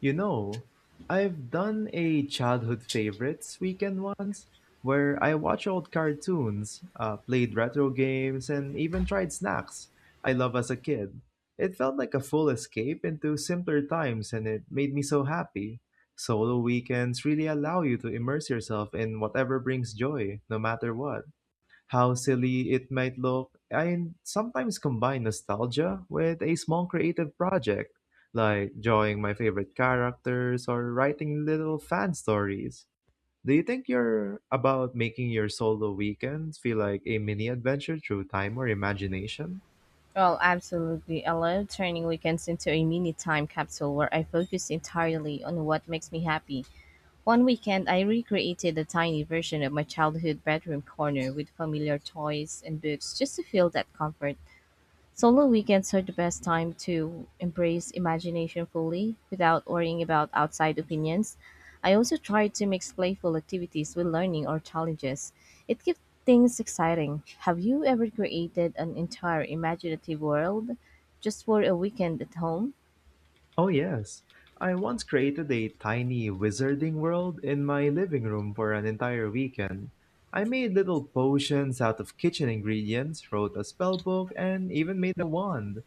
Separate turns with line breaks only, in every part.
You know, I've done a childhood favorites weekend once where I watched old cartoons, played retro games, and even tried snacks I love as a kid. It felt like a full escape into simpler times, and it made me so happy. Solo weekends really allow you to immerse yourself in whatever brings joy, no matter what. How silly it might look, I sometimes combine nostalgia with a small creative project, like drawing my favorite characters or writing little fan stories. Do you think you're about making your solo weekends feel like a mini adventure through time or imagination?
Well, absolutely. I love turning weekends into a mini time capsule where I focus entirely on what makes me happy. One weekend, I recreated a tiny version of my childhood bedroom corner with familiar toys and books just to feel that comfort. Solo weekends are the best time to embrace imagination fully without worrying about outside opinions. I also try to mix playful activities with learning or challenges. It keeps things exciting. Have you ever created an entire imaginative world just for a weekend at home?
Oh, yes. I once created a tiny wizarding world in my living room for an entire weekend. I made little potions out of kitchen ingredients, wrote a spell book, and even made a wand.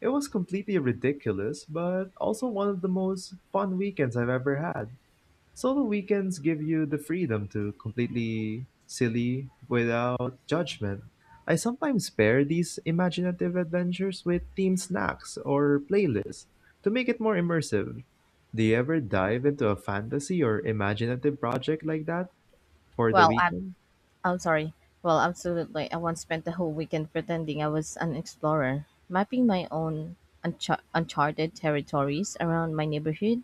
It was completely ridiculous, but also one of the most fun weekends I've ever had. Solo weekends give you the freedom to completely silly without judgment. I sometimes pair these imaginative adventures with themed snacks or playlists to make it more immersive. Do you ever dive into a fantasy or imaginative project like that for the
Well, I
weekend?
I'm sorry. Well, absolutely. I once spent the whole weekend pretending I was an explorer, mapping my own uncharted territories around my neighborhood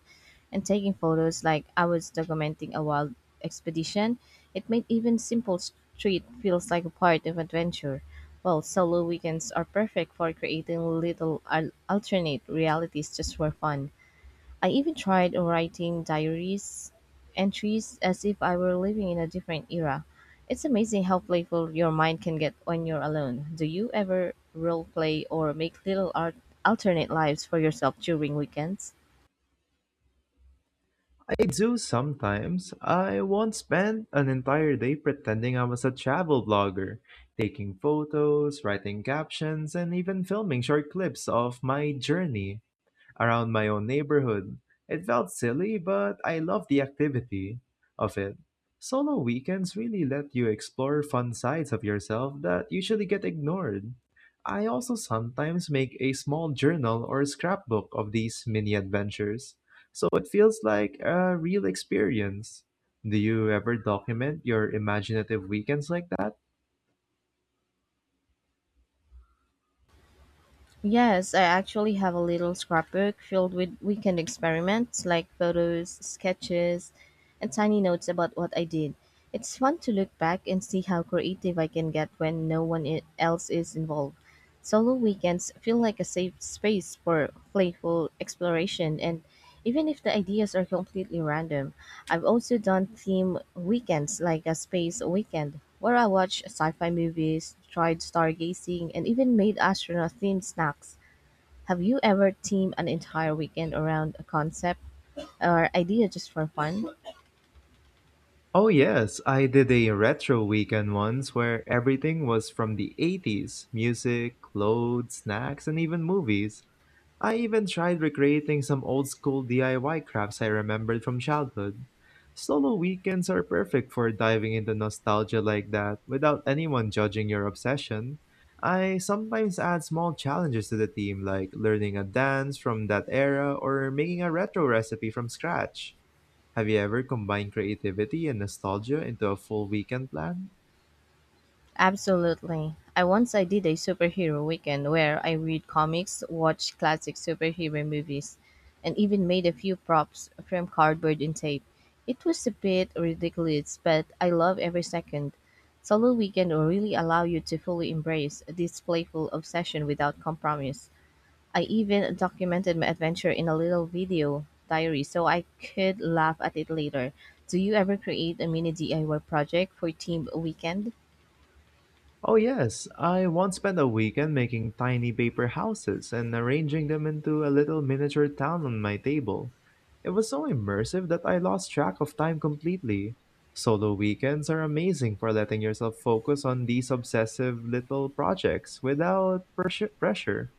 and taking photos like I was documenting a wild expedition. It made even simple street feels like a part of adventure. Well, solo weekends are perfect for creating little alternate realities just for fun. I even tried writing diaries entries as if I were living in a different era. It's amazing how playful your mind can get when you're alone. Do you ever role play or make little art alternate lives for yourself during weekends?
I do sometimes. I once spent an entire day pretending I was a travel blogger, taking photos, writing captions, and even filming short clips of my journey around my own neighborhood. It felt silly, but I loved the activity of it. Solo weekends really let you explore fun sides of yourself that usually get ignored. I also sometimes make a small journal or scrapbook of these mini adventures, so it feels like a real experience. Do you ever document your imaginative weekends like that?
Yes, I actually have a little scrapbook filled with weekend experiments like photos, sketches, and tiny notes about what I did. It's fun to look back and see how creative I can get when no one I- else is involved. Solo weekends feel like a safe space for playful exploration, and even if the ideas are completely random, I've also done theme weekends like a space weekend where I watched sci fi movies, tried stargazing, and even made astronaut themed snacks. Have you ever themed an entire weekend around a concept or idea just for fun?
Oh yes, I did a retro weekend once where everything was from the 80s: music, clothes, snacks, and even movies. I even tried recreating some old school DIY crafts I remembered from childhood. Solo weekends are perfect for diving into nostalgia like that without anyone judging your obsession. I sometimes add small challenges to the theme, like learning a dance from that era or making a retro recipe from scratch. Have you ever combined creativity and nostalgia into a full weekend plan?
Absolutely. I did a superhero weekend where I read comics, watched classic superhero movies, and even made a few props from cardboard and tape. It was a bit ridiculous, but I love every second. Solo weekend will really allow you to fully embrace this playful obsession without compromise. I even documented my adventure in a little video diary so I could laugh at it later. Do you ever create a mini DIY project for team weekend?
Oh, yes. I once spent a weekend making tiny paper houses and arranging them into a little miniature town on my table. It was so immersive that I lost track of time completely. Solo weekends are amazing for letting yourself focus on these obsessive little projects without pressure.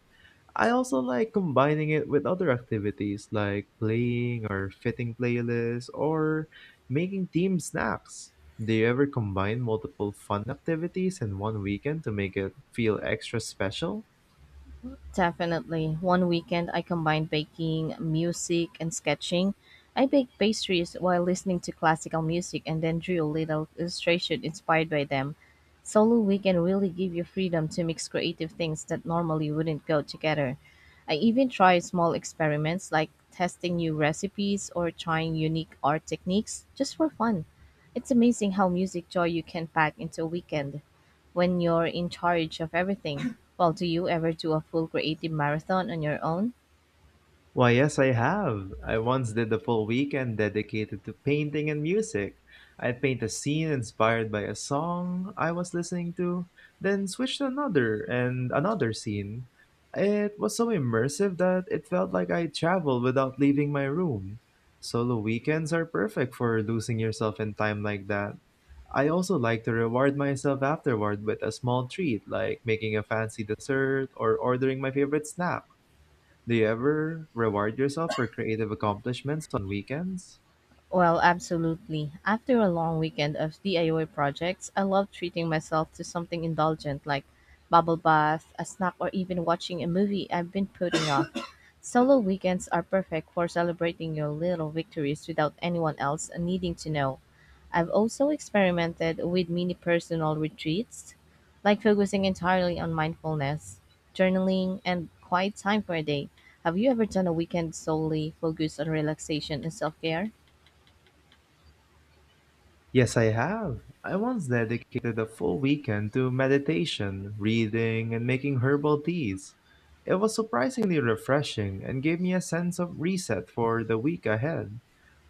I also like combining it with other activities like playing or fitting playlists or making team snacks. Do you ever combine multiple fun activities in one weekend to make it feel extra special?
Definitely. One weekend I combined baking, music, and sketching. I baked pastries while listening to classical music and then drew a little illustration inspired by them. Solo weekend really give you freedom to mix creative things that normally wouldn't go together. I even tried small experiments like testing new recipes or trying unique art techniques just for fun. It's amazing how music joy you can pack into a weekend when you're in charge of everything. Well, do you ever do a full creative marathon on your own?
Why, yes, I have. I once did a full weekend dedicated to painting and music. I'd paint a scene inspired by a song I was listening to, then switch to another and another scene. It was so immersive that it felt like I traveled without leaving my room. Solo weekends are perfect for losing yourself in time like that. I also like to reward myself afterward with a small treat, like making a fancy dessert or ordering my favorite snack. Do you ever reward yourself for creative accomplishments on weekends?
Well, absolutely. After a long weekend of DIY projects, I love treating myself to something indulgent like bubble bath, a snack, or even watching a movie I've been putting off. Solo weekends are perfect for celebrating your little victories without anyone else needing to know. I've also experimented with mini personal retreats, like focusing entirely on mindfulness, journaling, and quiet time for a day. Have you ever done a weekend solely focused on relaxation and self care?
Yes, I have. I once dedicated a full weekend to meditation, reading, and making herbal teas. It was surprisingly refreshing and gave me a sense of reset for the week ahead.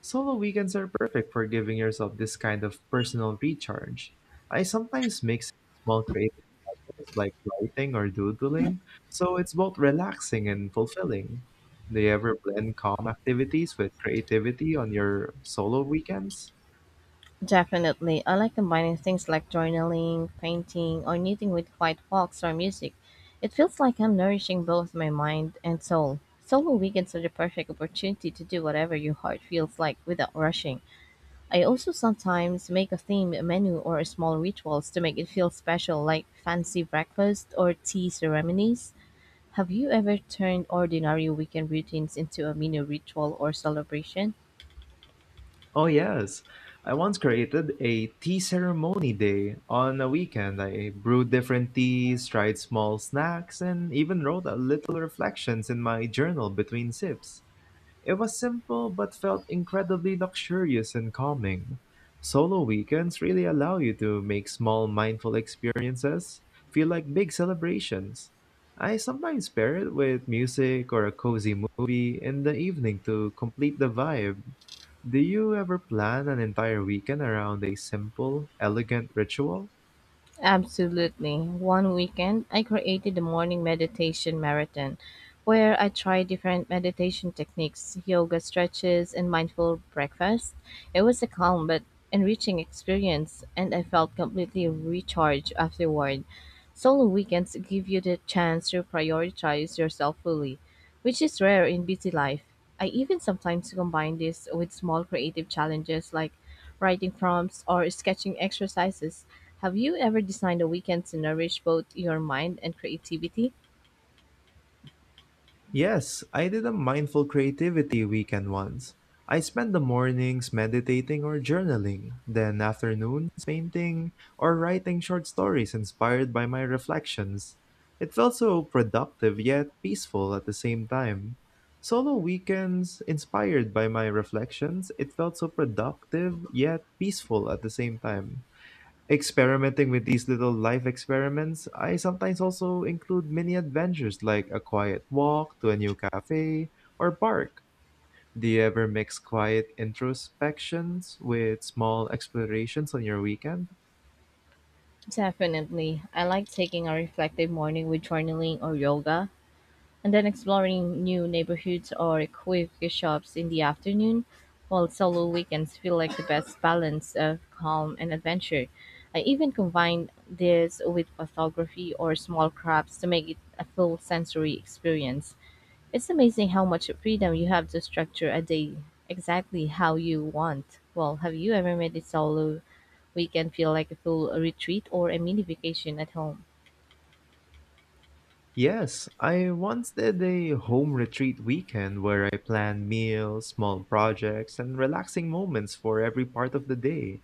Solo weekends are perfect for giving yourself this kind of personal recharge. I sometimes mix small creative, it's like writing or doodling, so it's both relaxing and fulfilling. Do you ever blend calm activities with creativity on your solo weekends?
Definitely. I like combining things like journaling, painting, or knitting with quiet walks or music. It feels like I'm nourishing both my mind and soul. Solo weekends are the perfect opportunity to do whatever your heart feels like without rushing. I also sometimes make a themed menu or small rituals to make it feel special, like fancy breakfast or tea ceremonies. Have you ever turned ordinary weekend routines into a mini ritual or celebration?
Oh, yes. I once created a tea ceremony day on a weekend. I brewed different teas, tried small snacks, and even wrote a little reflections in my journal between sips. It was simple but felt incredibly luxurious and calming. Solo weekends really allow you to make small mindful experiences feel like big celebrations. I sometimes pair it with music or a cozy movie in the evening to complete the vibe. Do you ever plan an entire weekend around a simple, elegant ritual?
Absolutely. One weekend, I created a morning meditation marathon where I tried different meditation techniques, yoga stretches, and mindful breakfast. It was a calm but enriching experience, and I felt completely recharged afterward. Solo weekends give you the chance to prioritize yourself fully, which is rare in busy life. I even sometimes combine this with small creative challenges like writing prompts or sketching exercises. Have you ever designed a weekend to nourish both your mind and creativity?
Yes, I did a mindful creativity weekend once. I spent the mornings meditating or journaling, then afternoons painting or writing short stories inspired by my reflections. It felt so productive yet peaceful at the same time. Solo weekends inspired by my reflections, it felt so productive yet peaceful at the same time. Experimenting with these little life experiments, I sometimes also include mini adventures like a quiet walk to a new cafe or park. Do you ever mix quiet introspections with small explorations on your weekend?
Definitely. I like taking a reflective morning with journaling or yoga, and then exploring new neighborhoods or quirky shops in the afternoon, while solo weekends feel like the best balance of calm and adventure. I even combine this with photography or small crafts to make it a full sensory experience. It's amazing how much freedom you have to structure a day exactly how you want. Well, have you ever made a solo weekend feel like a full retreat or a mini vacation at home?
Yes, I once did a home retreat weekend where I planned meals, small projects, and relaxing moments for every part of the day.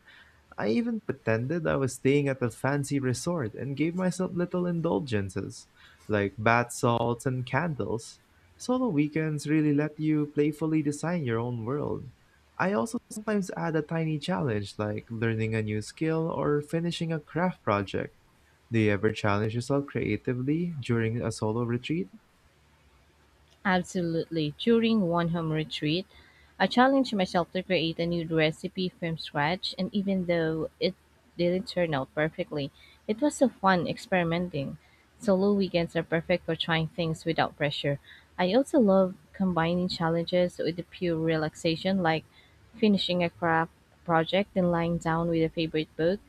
I even pretended I was staying at a fancy resort and gave myself little indulgences, like bath salts and candles. Solo weekends really let you playfully design your own world. I also sometimes add a tiny challenge, like learning a new skill or finishing a craft project. Do you ever challenge yourself creatively during a solo retreat?
Absolutely. During one home retreat, I challenged myself to create a new recipe from scratch, and even though it didn't turn out perfectly, it was so fun experimenting. Solo weekends are perfect for trying things without pressure. I also love combining challenges with the pure relaxation, like finishing a craft project and lying down with a favorite book.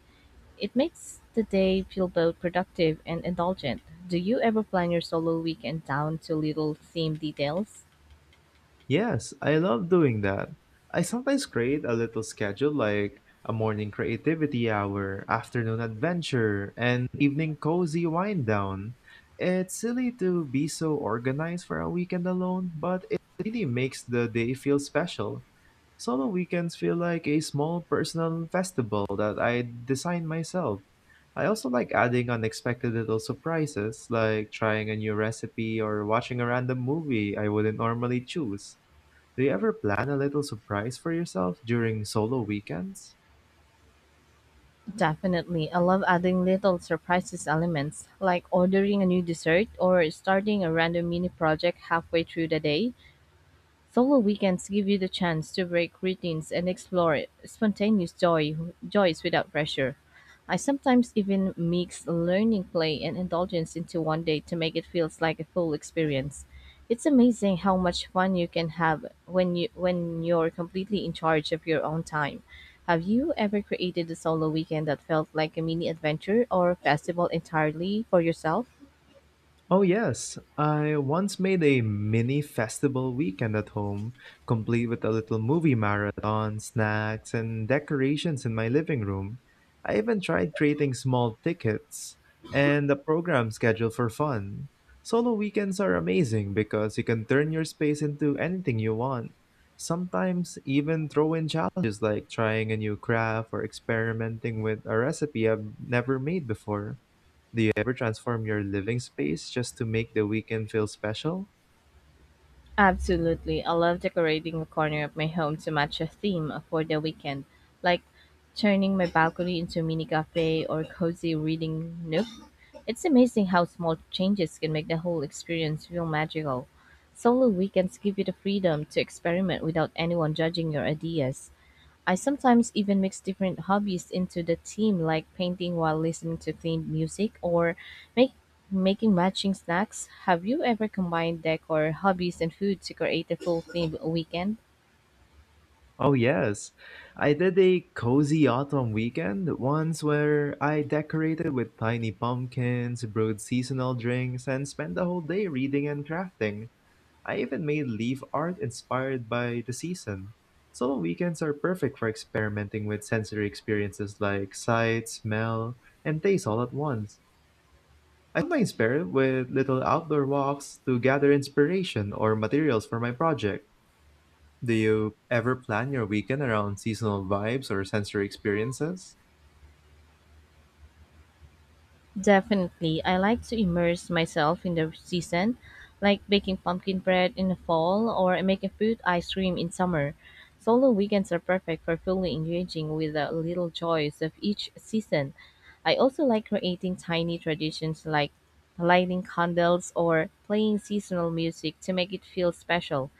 It makes the day feel both productive and indulgent. Do you ever plan your solo weekend down to little theme details?
Yes, I love doing that. I sometimes create a little schedule like a morning creativity hour, afternoon adventure, and evening cozy wind down. It's silly to be so organized for a weekend alone, but it really makes the day feel special. Solo weekends feel like a small personal festival that I design myself. I also like adding unexpected little surprises, like trying a new recipe or watching a random movie I wouldn't normally choose. Do you ever plan a little surprise for yourself during solo weekends?
Definitely. I love adding little surprises elements, like ordering a new dessert or starting a random mini project halfway through the day. Solo weekends give you the chance to break routines and explore spontaneous joy, joys without pressure. I sometimes even mix learning, play, and indulgence into one day to make it feels like a full experience. It's amazing how much fun you can have when you're completely in charge of your own time. Have you ever created a solo weekend that felt like a mini adventure or festival entirely for yourself?
Oh, yes. I once made a mini festival weekend at home, complete with a little movie marathon, snacks, and decorations in my living room. I even tried creating small tickets and a program schedule for fun. Solo weekends are amazing because you can turn your space into anything you want. Sometimes even throw in challenges like trying a new craft or experimenting with a recipe I've never made before. Do you ever transform your living space just to make the weekend feel special?
Absolutely. I love decorating a corner of my home to match a theme for the weekend, like turning my balcony into a mini cafe or cozy reading nook. It's amazing how small changes can make the whole experience feel magical. Solo weekends give you the freedom to experiment without anyone judging your ideas. I sometimes even mix different hobbies into the theme, like painting while listening to themed music or make, making matching snacks. Have you ever combined decor, hobbies, and food to create a full themed weekend?
Oh, yes. I did a cozy autumn weekend once where I decorated with tiny pumpkins, brewed seasonal drinks, and spent the whole day reading and crafting. I even made leaf art inspired by the season. So weekends are perfect for experimenting with sensory experiences like sight, smell, and taste all at once. I find my inspired with little outdoor walks to gather inspiration or materials for my project. Do you ever plan your weekend around seasonal vibes or sensory experiences?
Definitely. I like to immerse myself in the season, like baking pumpkin bread in the fall or making fruit ice cream in summer. Solo weekends are perfect for fully engaging with the little joys of each season. I also like creating tiny traditions like lighting candles or playing seasonal music to make it feel special.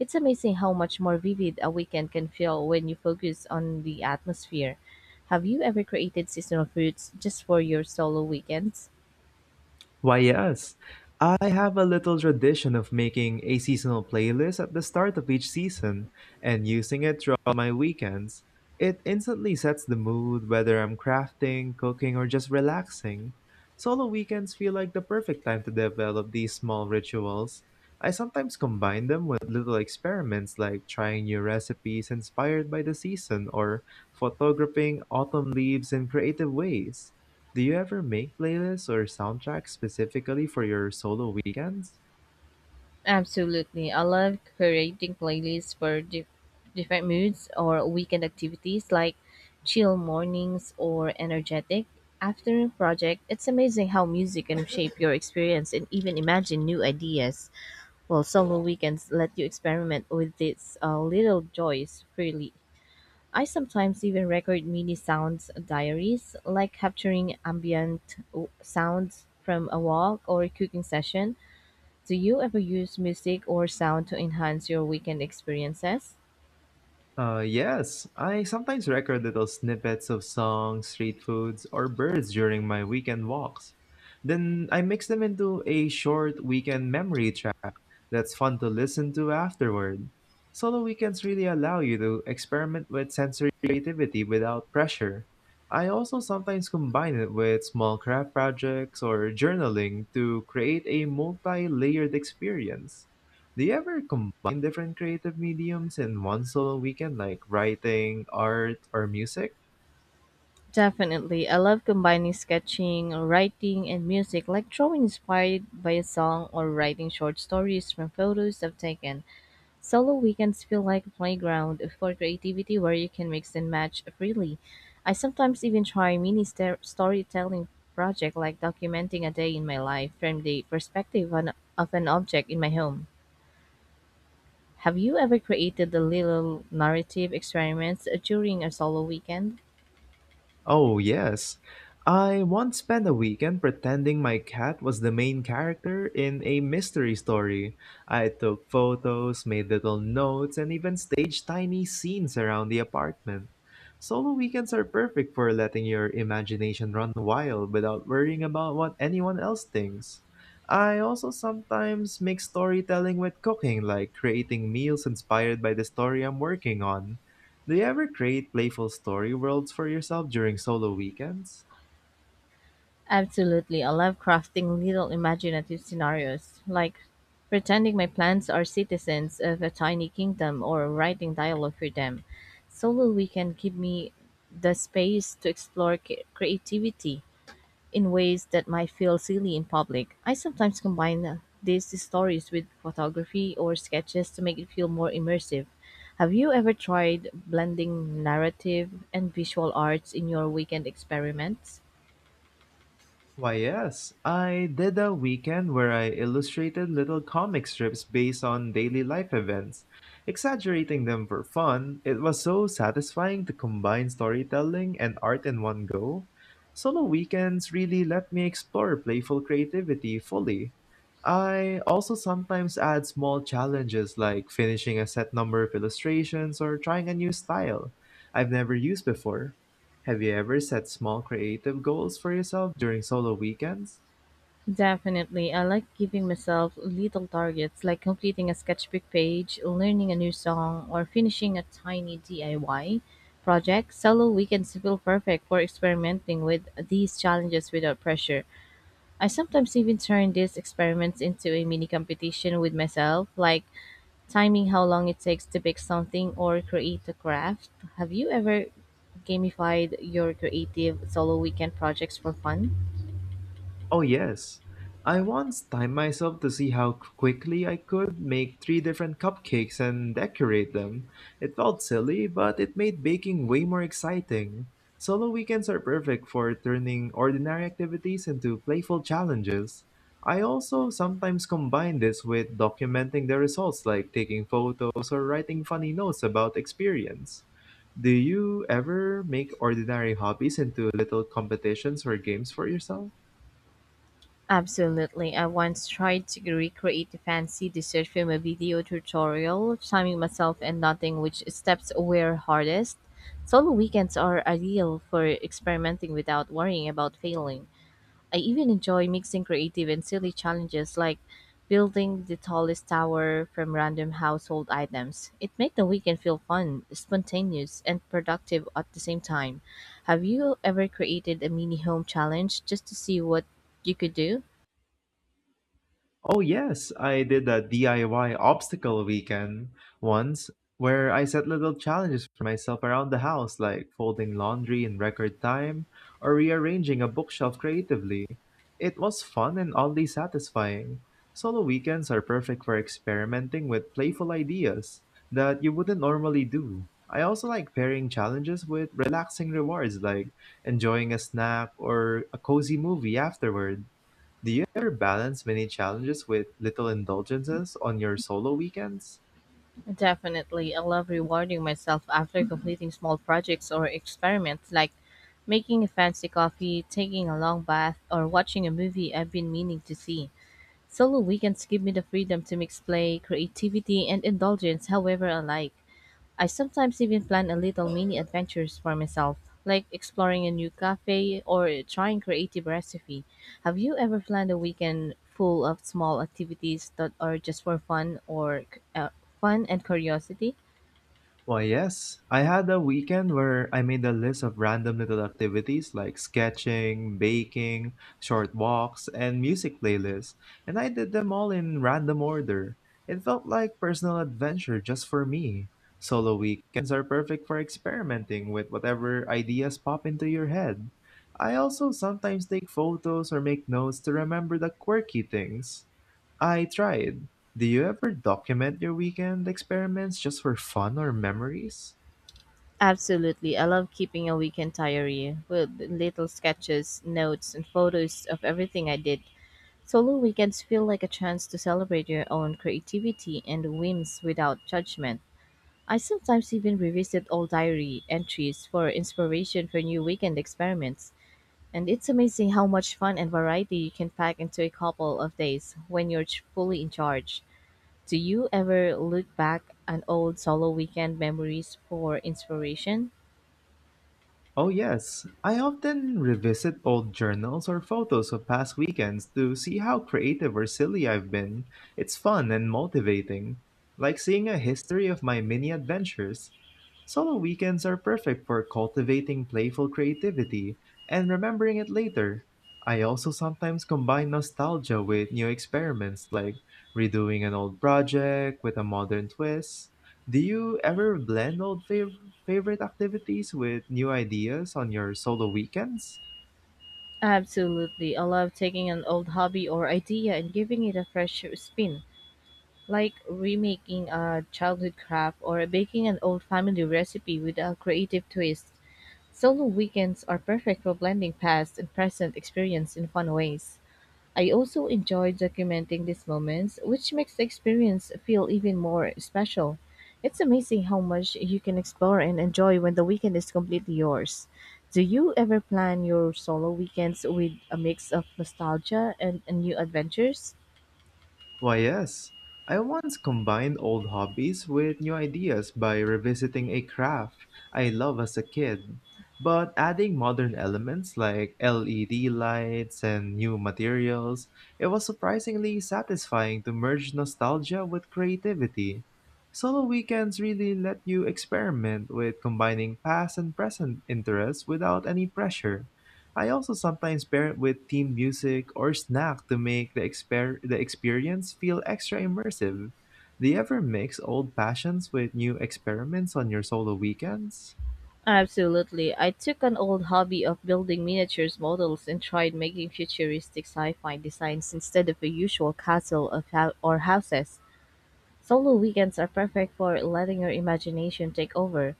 It's amazing how much more vivid a weekend can feel when you focus on the atmosphere. Have you ever created seasonal fruits just for your solo weekends?
Why, yes. I have a little tradition of making a seasonal playlist at the start of each season and using it throughout my weekends. It instantly sets the mood, whether I'm crafting, cooking, or just relaxing. Solo weekends feel like the perfect time to develop these small rituals. I sometimes combine them with little experiments like trying new recipes inspired by the season or photographing autumn leaves in creative ways. Do you ever make playlists or soundtracks specifically for your solo weekends?
Absolutely. I love creating playlists for different moods or weekend activities like chill mornings or energetic afternoon project. It's amazing how music can shape your experience and even imagine new ideas. Well, solo weekends let you experiment with these little joys freely. I sometimes even record mini sounds diaries, like capturing ambient sounds from a walk or a cooking session. Do you ever use music or sound to enhance your weekend experiences?
Yes, I sometimes record little snippets of songs, street foods, or birds during my weekend walks. Then I mix them into a short weekend memory track that's fun to listen to afterward. Solo weekends really allow you to experiment with sensory creativity without pressure. I also sometimes combine it with small craft projects or journaling to create a multi layered experience. Do you ever combine different creative mediums in one solo weekend, like writing, art, or music?
Definitely. I love combining sketching, writing, and music, like drawing inspired by a song or writing short stories from photos I've taken. Solo weekends feel like a playground for creativity where you can mix and match freely. I sometimes even try mini storytelling project like documenting a day in my life from the perspective of an object in my home. Have you ever created a little narrative experiments during a solo weekend?
Oh, yes. I once spent a weekend pretending my cat was the main character in a mystery story. I took photos, made little notes, and even staged tiny scenes around the apartment. Solo weekends are perfect for letting your imagination run wild without worrying about what anyone else thinks. I also sometimes mix storytelling with cooking, like creating meals inspired by the story I'm working on. Do you ever create playful story worlds for yourself during solo weekends?
Absolutely. I love crafting little imaginative scenarios, like pretending my plants are citizens of a tiny kingdom or writing dialogue for them. Solo weekend give me the space to explore creativity in ways that might feel silly in public. I sometimes combine these stories with photography or sketches to make it feel more immersive. Have you ever tried blending narrative and visual arts in your weekend experiments?
Why, yes. I did a weekend where I illustrated little comic strips based on daily life events, exaggerating them for fun. It was so satisfying to combine storytelling and art in one go. Solo weekends really let me explore playful creativity fully. I also sometimes add small challenges like finishing a set number of illustrations or trying a new style I've never used before. Have you ever set small creative goals for yourself during solo weekends?
Definitely. I like giving myself little targets like completing a sketchbook page, learning a new song, or finishing a tiny DIY project. Solo weekends feel perfect for experimenting with these challenges without pressure. I sometimes even turn these experiments into a mini competition with myself, like timing how long it takes to bake something or create a craft. Have you ever gamified your creative solo weekend projects for fun?
Oh, yes. I once timed myself to see how quickly I could make three different cupcakes and decorate them. It felt silly, but it made baking way more exciting. Solo weekends are perfect for turning ordinary activities into playful challenges. I also sometimes combine this with documenting the results, like taking photos or writing funny notes about experience. Do you ever make ordinary hobbies into little competitions or games for yourself?
Absolutely. I once tried to recreate a fancy dessert from a video tutorial, timing myself and noting which steps were hardest. Solo weekends are ideal for experimenting without worrying about failing. I even enjoy mixing creative and silly challenges like building the tallest tower from random household items. It made the weekend feel fun, spontaneous, and productive at the same time. Have you ever created a mini home challenge just to see what you could do?
Oh, yes, I did a DIY obstacle weekend once where I set little challenges for myself around the house, like folding laundry in record time or rearranging a bookshelf creatively. It was fun and oddly satisfying. Solo weekends are perfect for experimenting with playful ideas that you wouldn't normally do. I also like pairing challenges with relaxing rewards like enjoying a snack or a cozy movie afterward. Do you ever balance many challenges with little indulgences on your solo weekends?
Definitely, I love rewarding myself after completing small projects or experiments like making a fancy coffee, taking a long bath, or watching a movie I've been meaning to see. Solo weekends give me the freedom to mix play, creativity, and indulgence however I like. I sometimes even plan a little mini adventures for myself, like exploring a new cafe or trying creative recipe. Have you ever planned a weekend full of small activities that are just for fun or uh, fun and curiosity?
Well, yes. I had a weekend where I made a list of random little activities like sketching, baking, short walks, and music playlists, and I did them all in random order. It felt like personal adventure just for me. Solo weekends are perfect for experimenting with whatever ideas pop into your head. I also sometimes take photos or make notes to remember the quirky things I tried. Do you ever document your weekend experiments just for fun or memories?
Absolutely. I love keeping a weekend diary with little sketches, notes, and photos of everything I did. Solo weekends feel like a chance to celebrate your own creativity and whims without judgment. I sometimes even revisit old diary entries for inspiration for new weekend experiments. And it's amazing how much fun and variety you can pack into a couple of days when you're fully in charge. Do you ever look back on old solo weekend memories for inspiration?
Oh, yes. I often revisit old journals or photos of past weekends to see how creative or silly I've been. It's fun and motivating, like seeing a history of my mini adventures. Solo weekends are perfect for cultivating playful creativity and remembering it later. I also sometimes combine nostalgia with new experiments, like redoing an old project with a modern twist. Do you ever blend old favorite activities with new ideas on your solo weekends?
Absolutely. I love taking an old hobby or idea and giving it a fresh spin, like remaking a childhood craft or baking an old family recipe with a creative twist. Solo weekends are perfect for blending past and present experience in fun ways. I also enjoy documenting these moments, which makes the experience feel even more special. It's amazing how much you can explore and enjoy when the weekend is completely yours. Do you ever plan your solo weekends with a mix of nostalgia and new adventures?
Why, yes. I once combined old hobbies with new ideas by revisiting a craft I love as a kid, but adding modern elements like LED lights and new materials. It was surprisingly satisfying to merge nostalgia with creativity. Solo weekends really let you experiment with combining past and present interests without any pressure. I also sometimes pair it with theme music or snack to make the experience feel extra immersive. Do you ever mix old passions with new experiments on your solo weekends?
Absolutely. I took an old hobby of building miniatures models and tried making futuristic sci-fi designs instead of a usual castle of hou- or houses. Solo weekends are perfect for letting your imagination take over.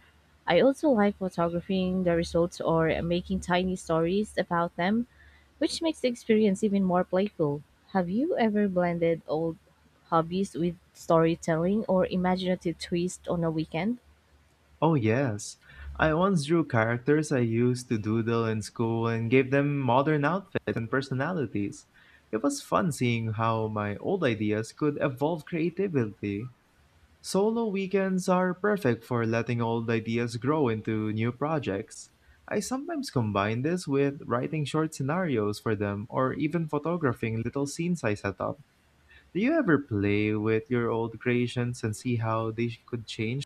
I also like photographing the results or making tiny stories about them, which makes the experience even more playful. Have you ever blended old hobbies with storytelling or imaginative twist on a weekend?
Oh, yes. I once drew characters I used to doodle in school and gave them modern outfits and personalities. It was fun seeing how my old ideas could evolve creatively. Solo weekends are perfect for letting old ideas grow into new projects. I sometimes combine this with writing short scenarios for them or even photographing little scenes I set up. Do you ever play with your old creations and see how they could change?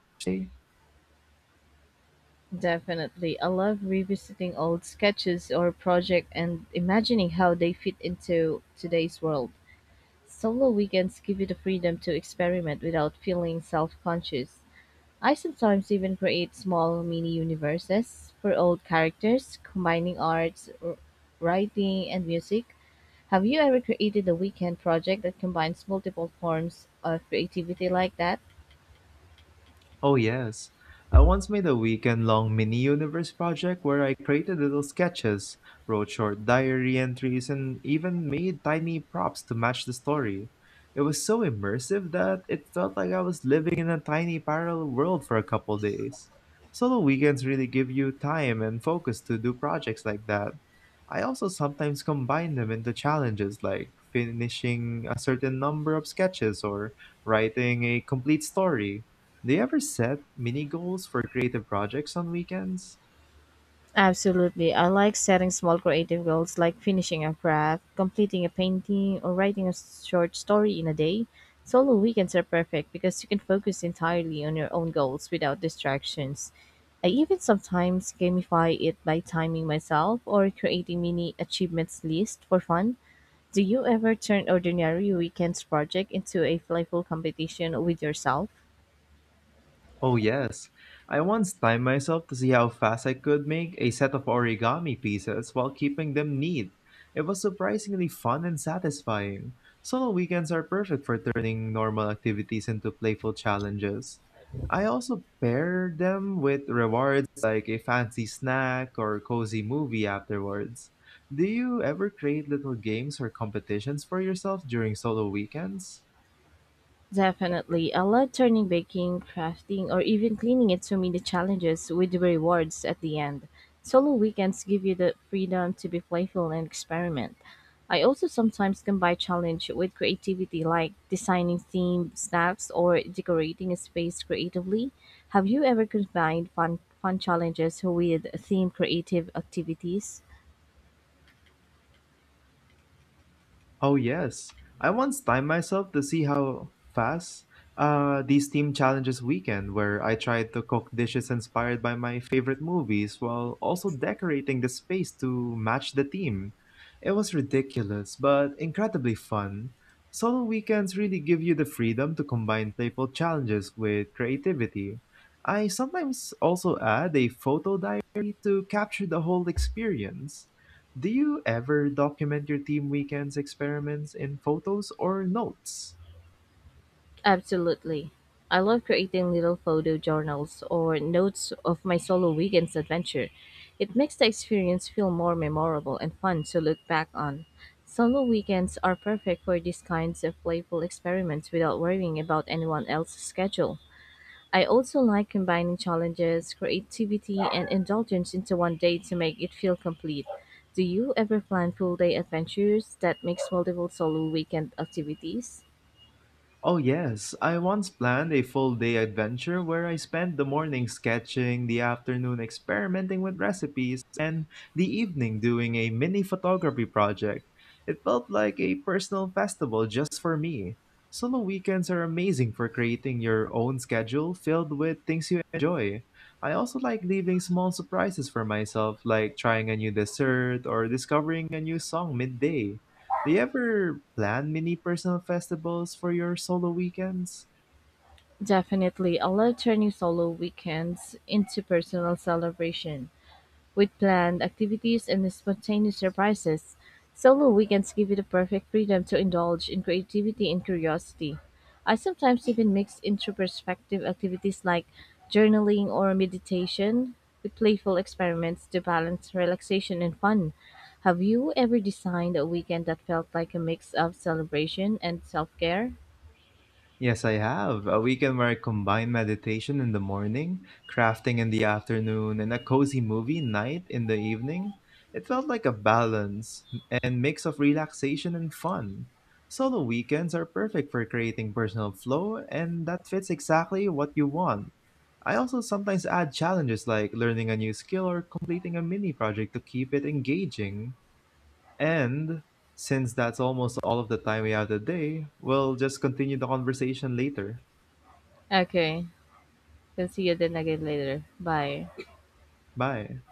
Definitely. I love revisiting old sketches or project and imagining how they fit into today's world. Solo weekends give you the freedom to experiment without feeling self-conscious. I sometimes even create small mini universes for old characters, combining arts, writing, and music. Have you ever created a weekend project that combines multiple forms of creativity like that?
Oh, yes. I once made a weekend long mini universe project where I created little sketches, wrote short diary entries, and even made tiny props to match the story. It was so immersive that it felt like I was living in a tiny parallel world for a couple days. Solo weekends really give you time and focus to do projects like that. I also sometimes combine them into challenges like finishing a certain number of sketches or writing a complete story. Do you ever set mini goals for creative projects on weekends?
Absolutely. I like setting small creative goals like finishing a craft, completing a painting, or writing a short story in a day. Solo weekends are perfect because you can focus entirely on your own goals without distractions. I even sometimes gamify it by timing myself or creating mini achievements list for fun. Do you ever turn ordinary weekends project into a playful competition with yourself?
Oh, yes. I once timed myself to see how fast I could make a set of origami pieces while keeping them neat. It was surprisingly fun and satisfying. Solo weekends are perfect for turning normal activities into playful challenges. I also pair them with rewards like a fancy snack or cozy movie afterwards. Do you ever create little games or competitions for yourself during solo weekends?
Definitely. I love turning baking, crafting, or even cleaning into mini challenges with rewards at the end. Solo weekends give you the freedom to be playful and experiment. I also sometimes combine challenge with creativity like designing themed snacks or decorating a space creatively. Have you ever combined fun challenges with themed creative activities?
Oh yes, I once timed myself to see how fast these team challenges weekend, where I tried to cook dishes inspired by my favorite movies while also decorating the space to match the theme. It was ridiculous, but incredibly fun. Solo weekends really give you the freedom to combine playful challenges with creativity. I sometimes also add a photo diary to capture the whole experience. Do you ever document your team weekend's experiments in photos or notes?
Absolutely. I love creating little photo journals or notes of my solo weekend's adventure. It makes the experience feel more memorable and fun to look back on. Solo weekends are perfect for these kinds of playful experiments without worrying about anyone else's schedule. I also like combining challenges, creativity, and indulgence into one day to make it feel complete. Do you ever plan full day adventures that mix multiple solo weekend activities?
Oh, yes. I once planned a full day adventure where I spent the morning sketching, the afternoon experimenting with recipes, and the evening doing a mini photography project. It felt like a personal festival just for me. Solo weekends are amazing for creating your own schedule filled with things you enjoy. I also like leaving small surprises for myself, like trying a new dessert or discovering a new song midday. Do you ever plan mini personal festivals for your solo weekends?
Definitely, I love turning solo weekends into personal celebration with planned activities and spontaneous surprises. Solo weekends give you the perfect freedom to indulge in creativity and curiosity. I sometimes even mix introspective activities like journaling or meditation with playful experiments to balance relaxation and fun. Have you ever designed a weekend that felt like a mix of celebration and self care?
Yes, I have. A weekend where I combine meditation in the morning, crafting in the afternoon, and a cozy movie night in the evening. It felt like a balance and mix of relaxation and fun. Solo weekends are perfect for creating personal flow, and that fits exactly what you want. I also sometimes add challenges like learning a new skill or completing a mini project to keep it engaging. And since that's almost all of the time we have today, we'll just continue the conversation later.
Okay, can see you then again later. Bye.
Bye.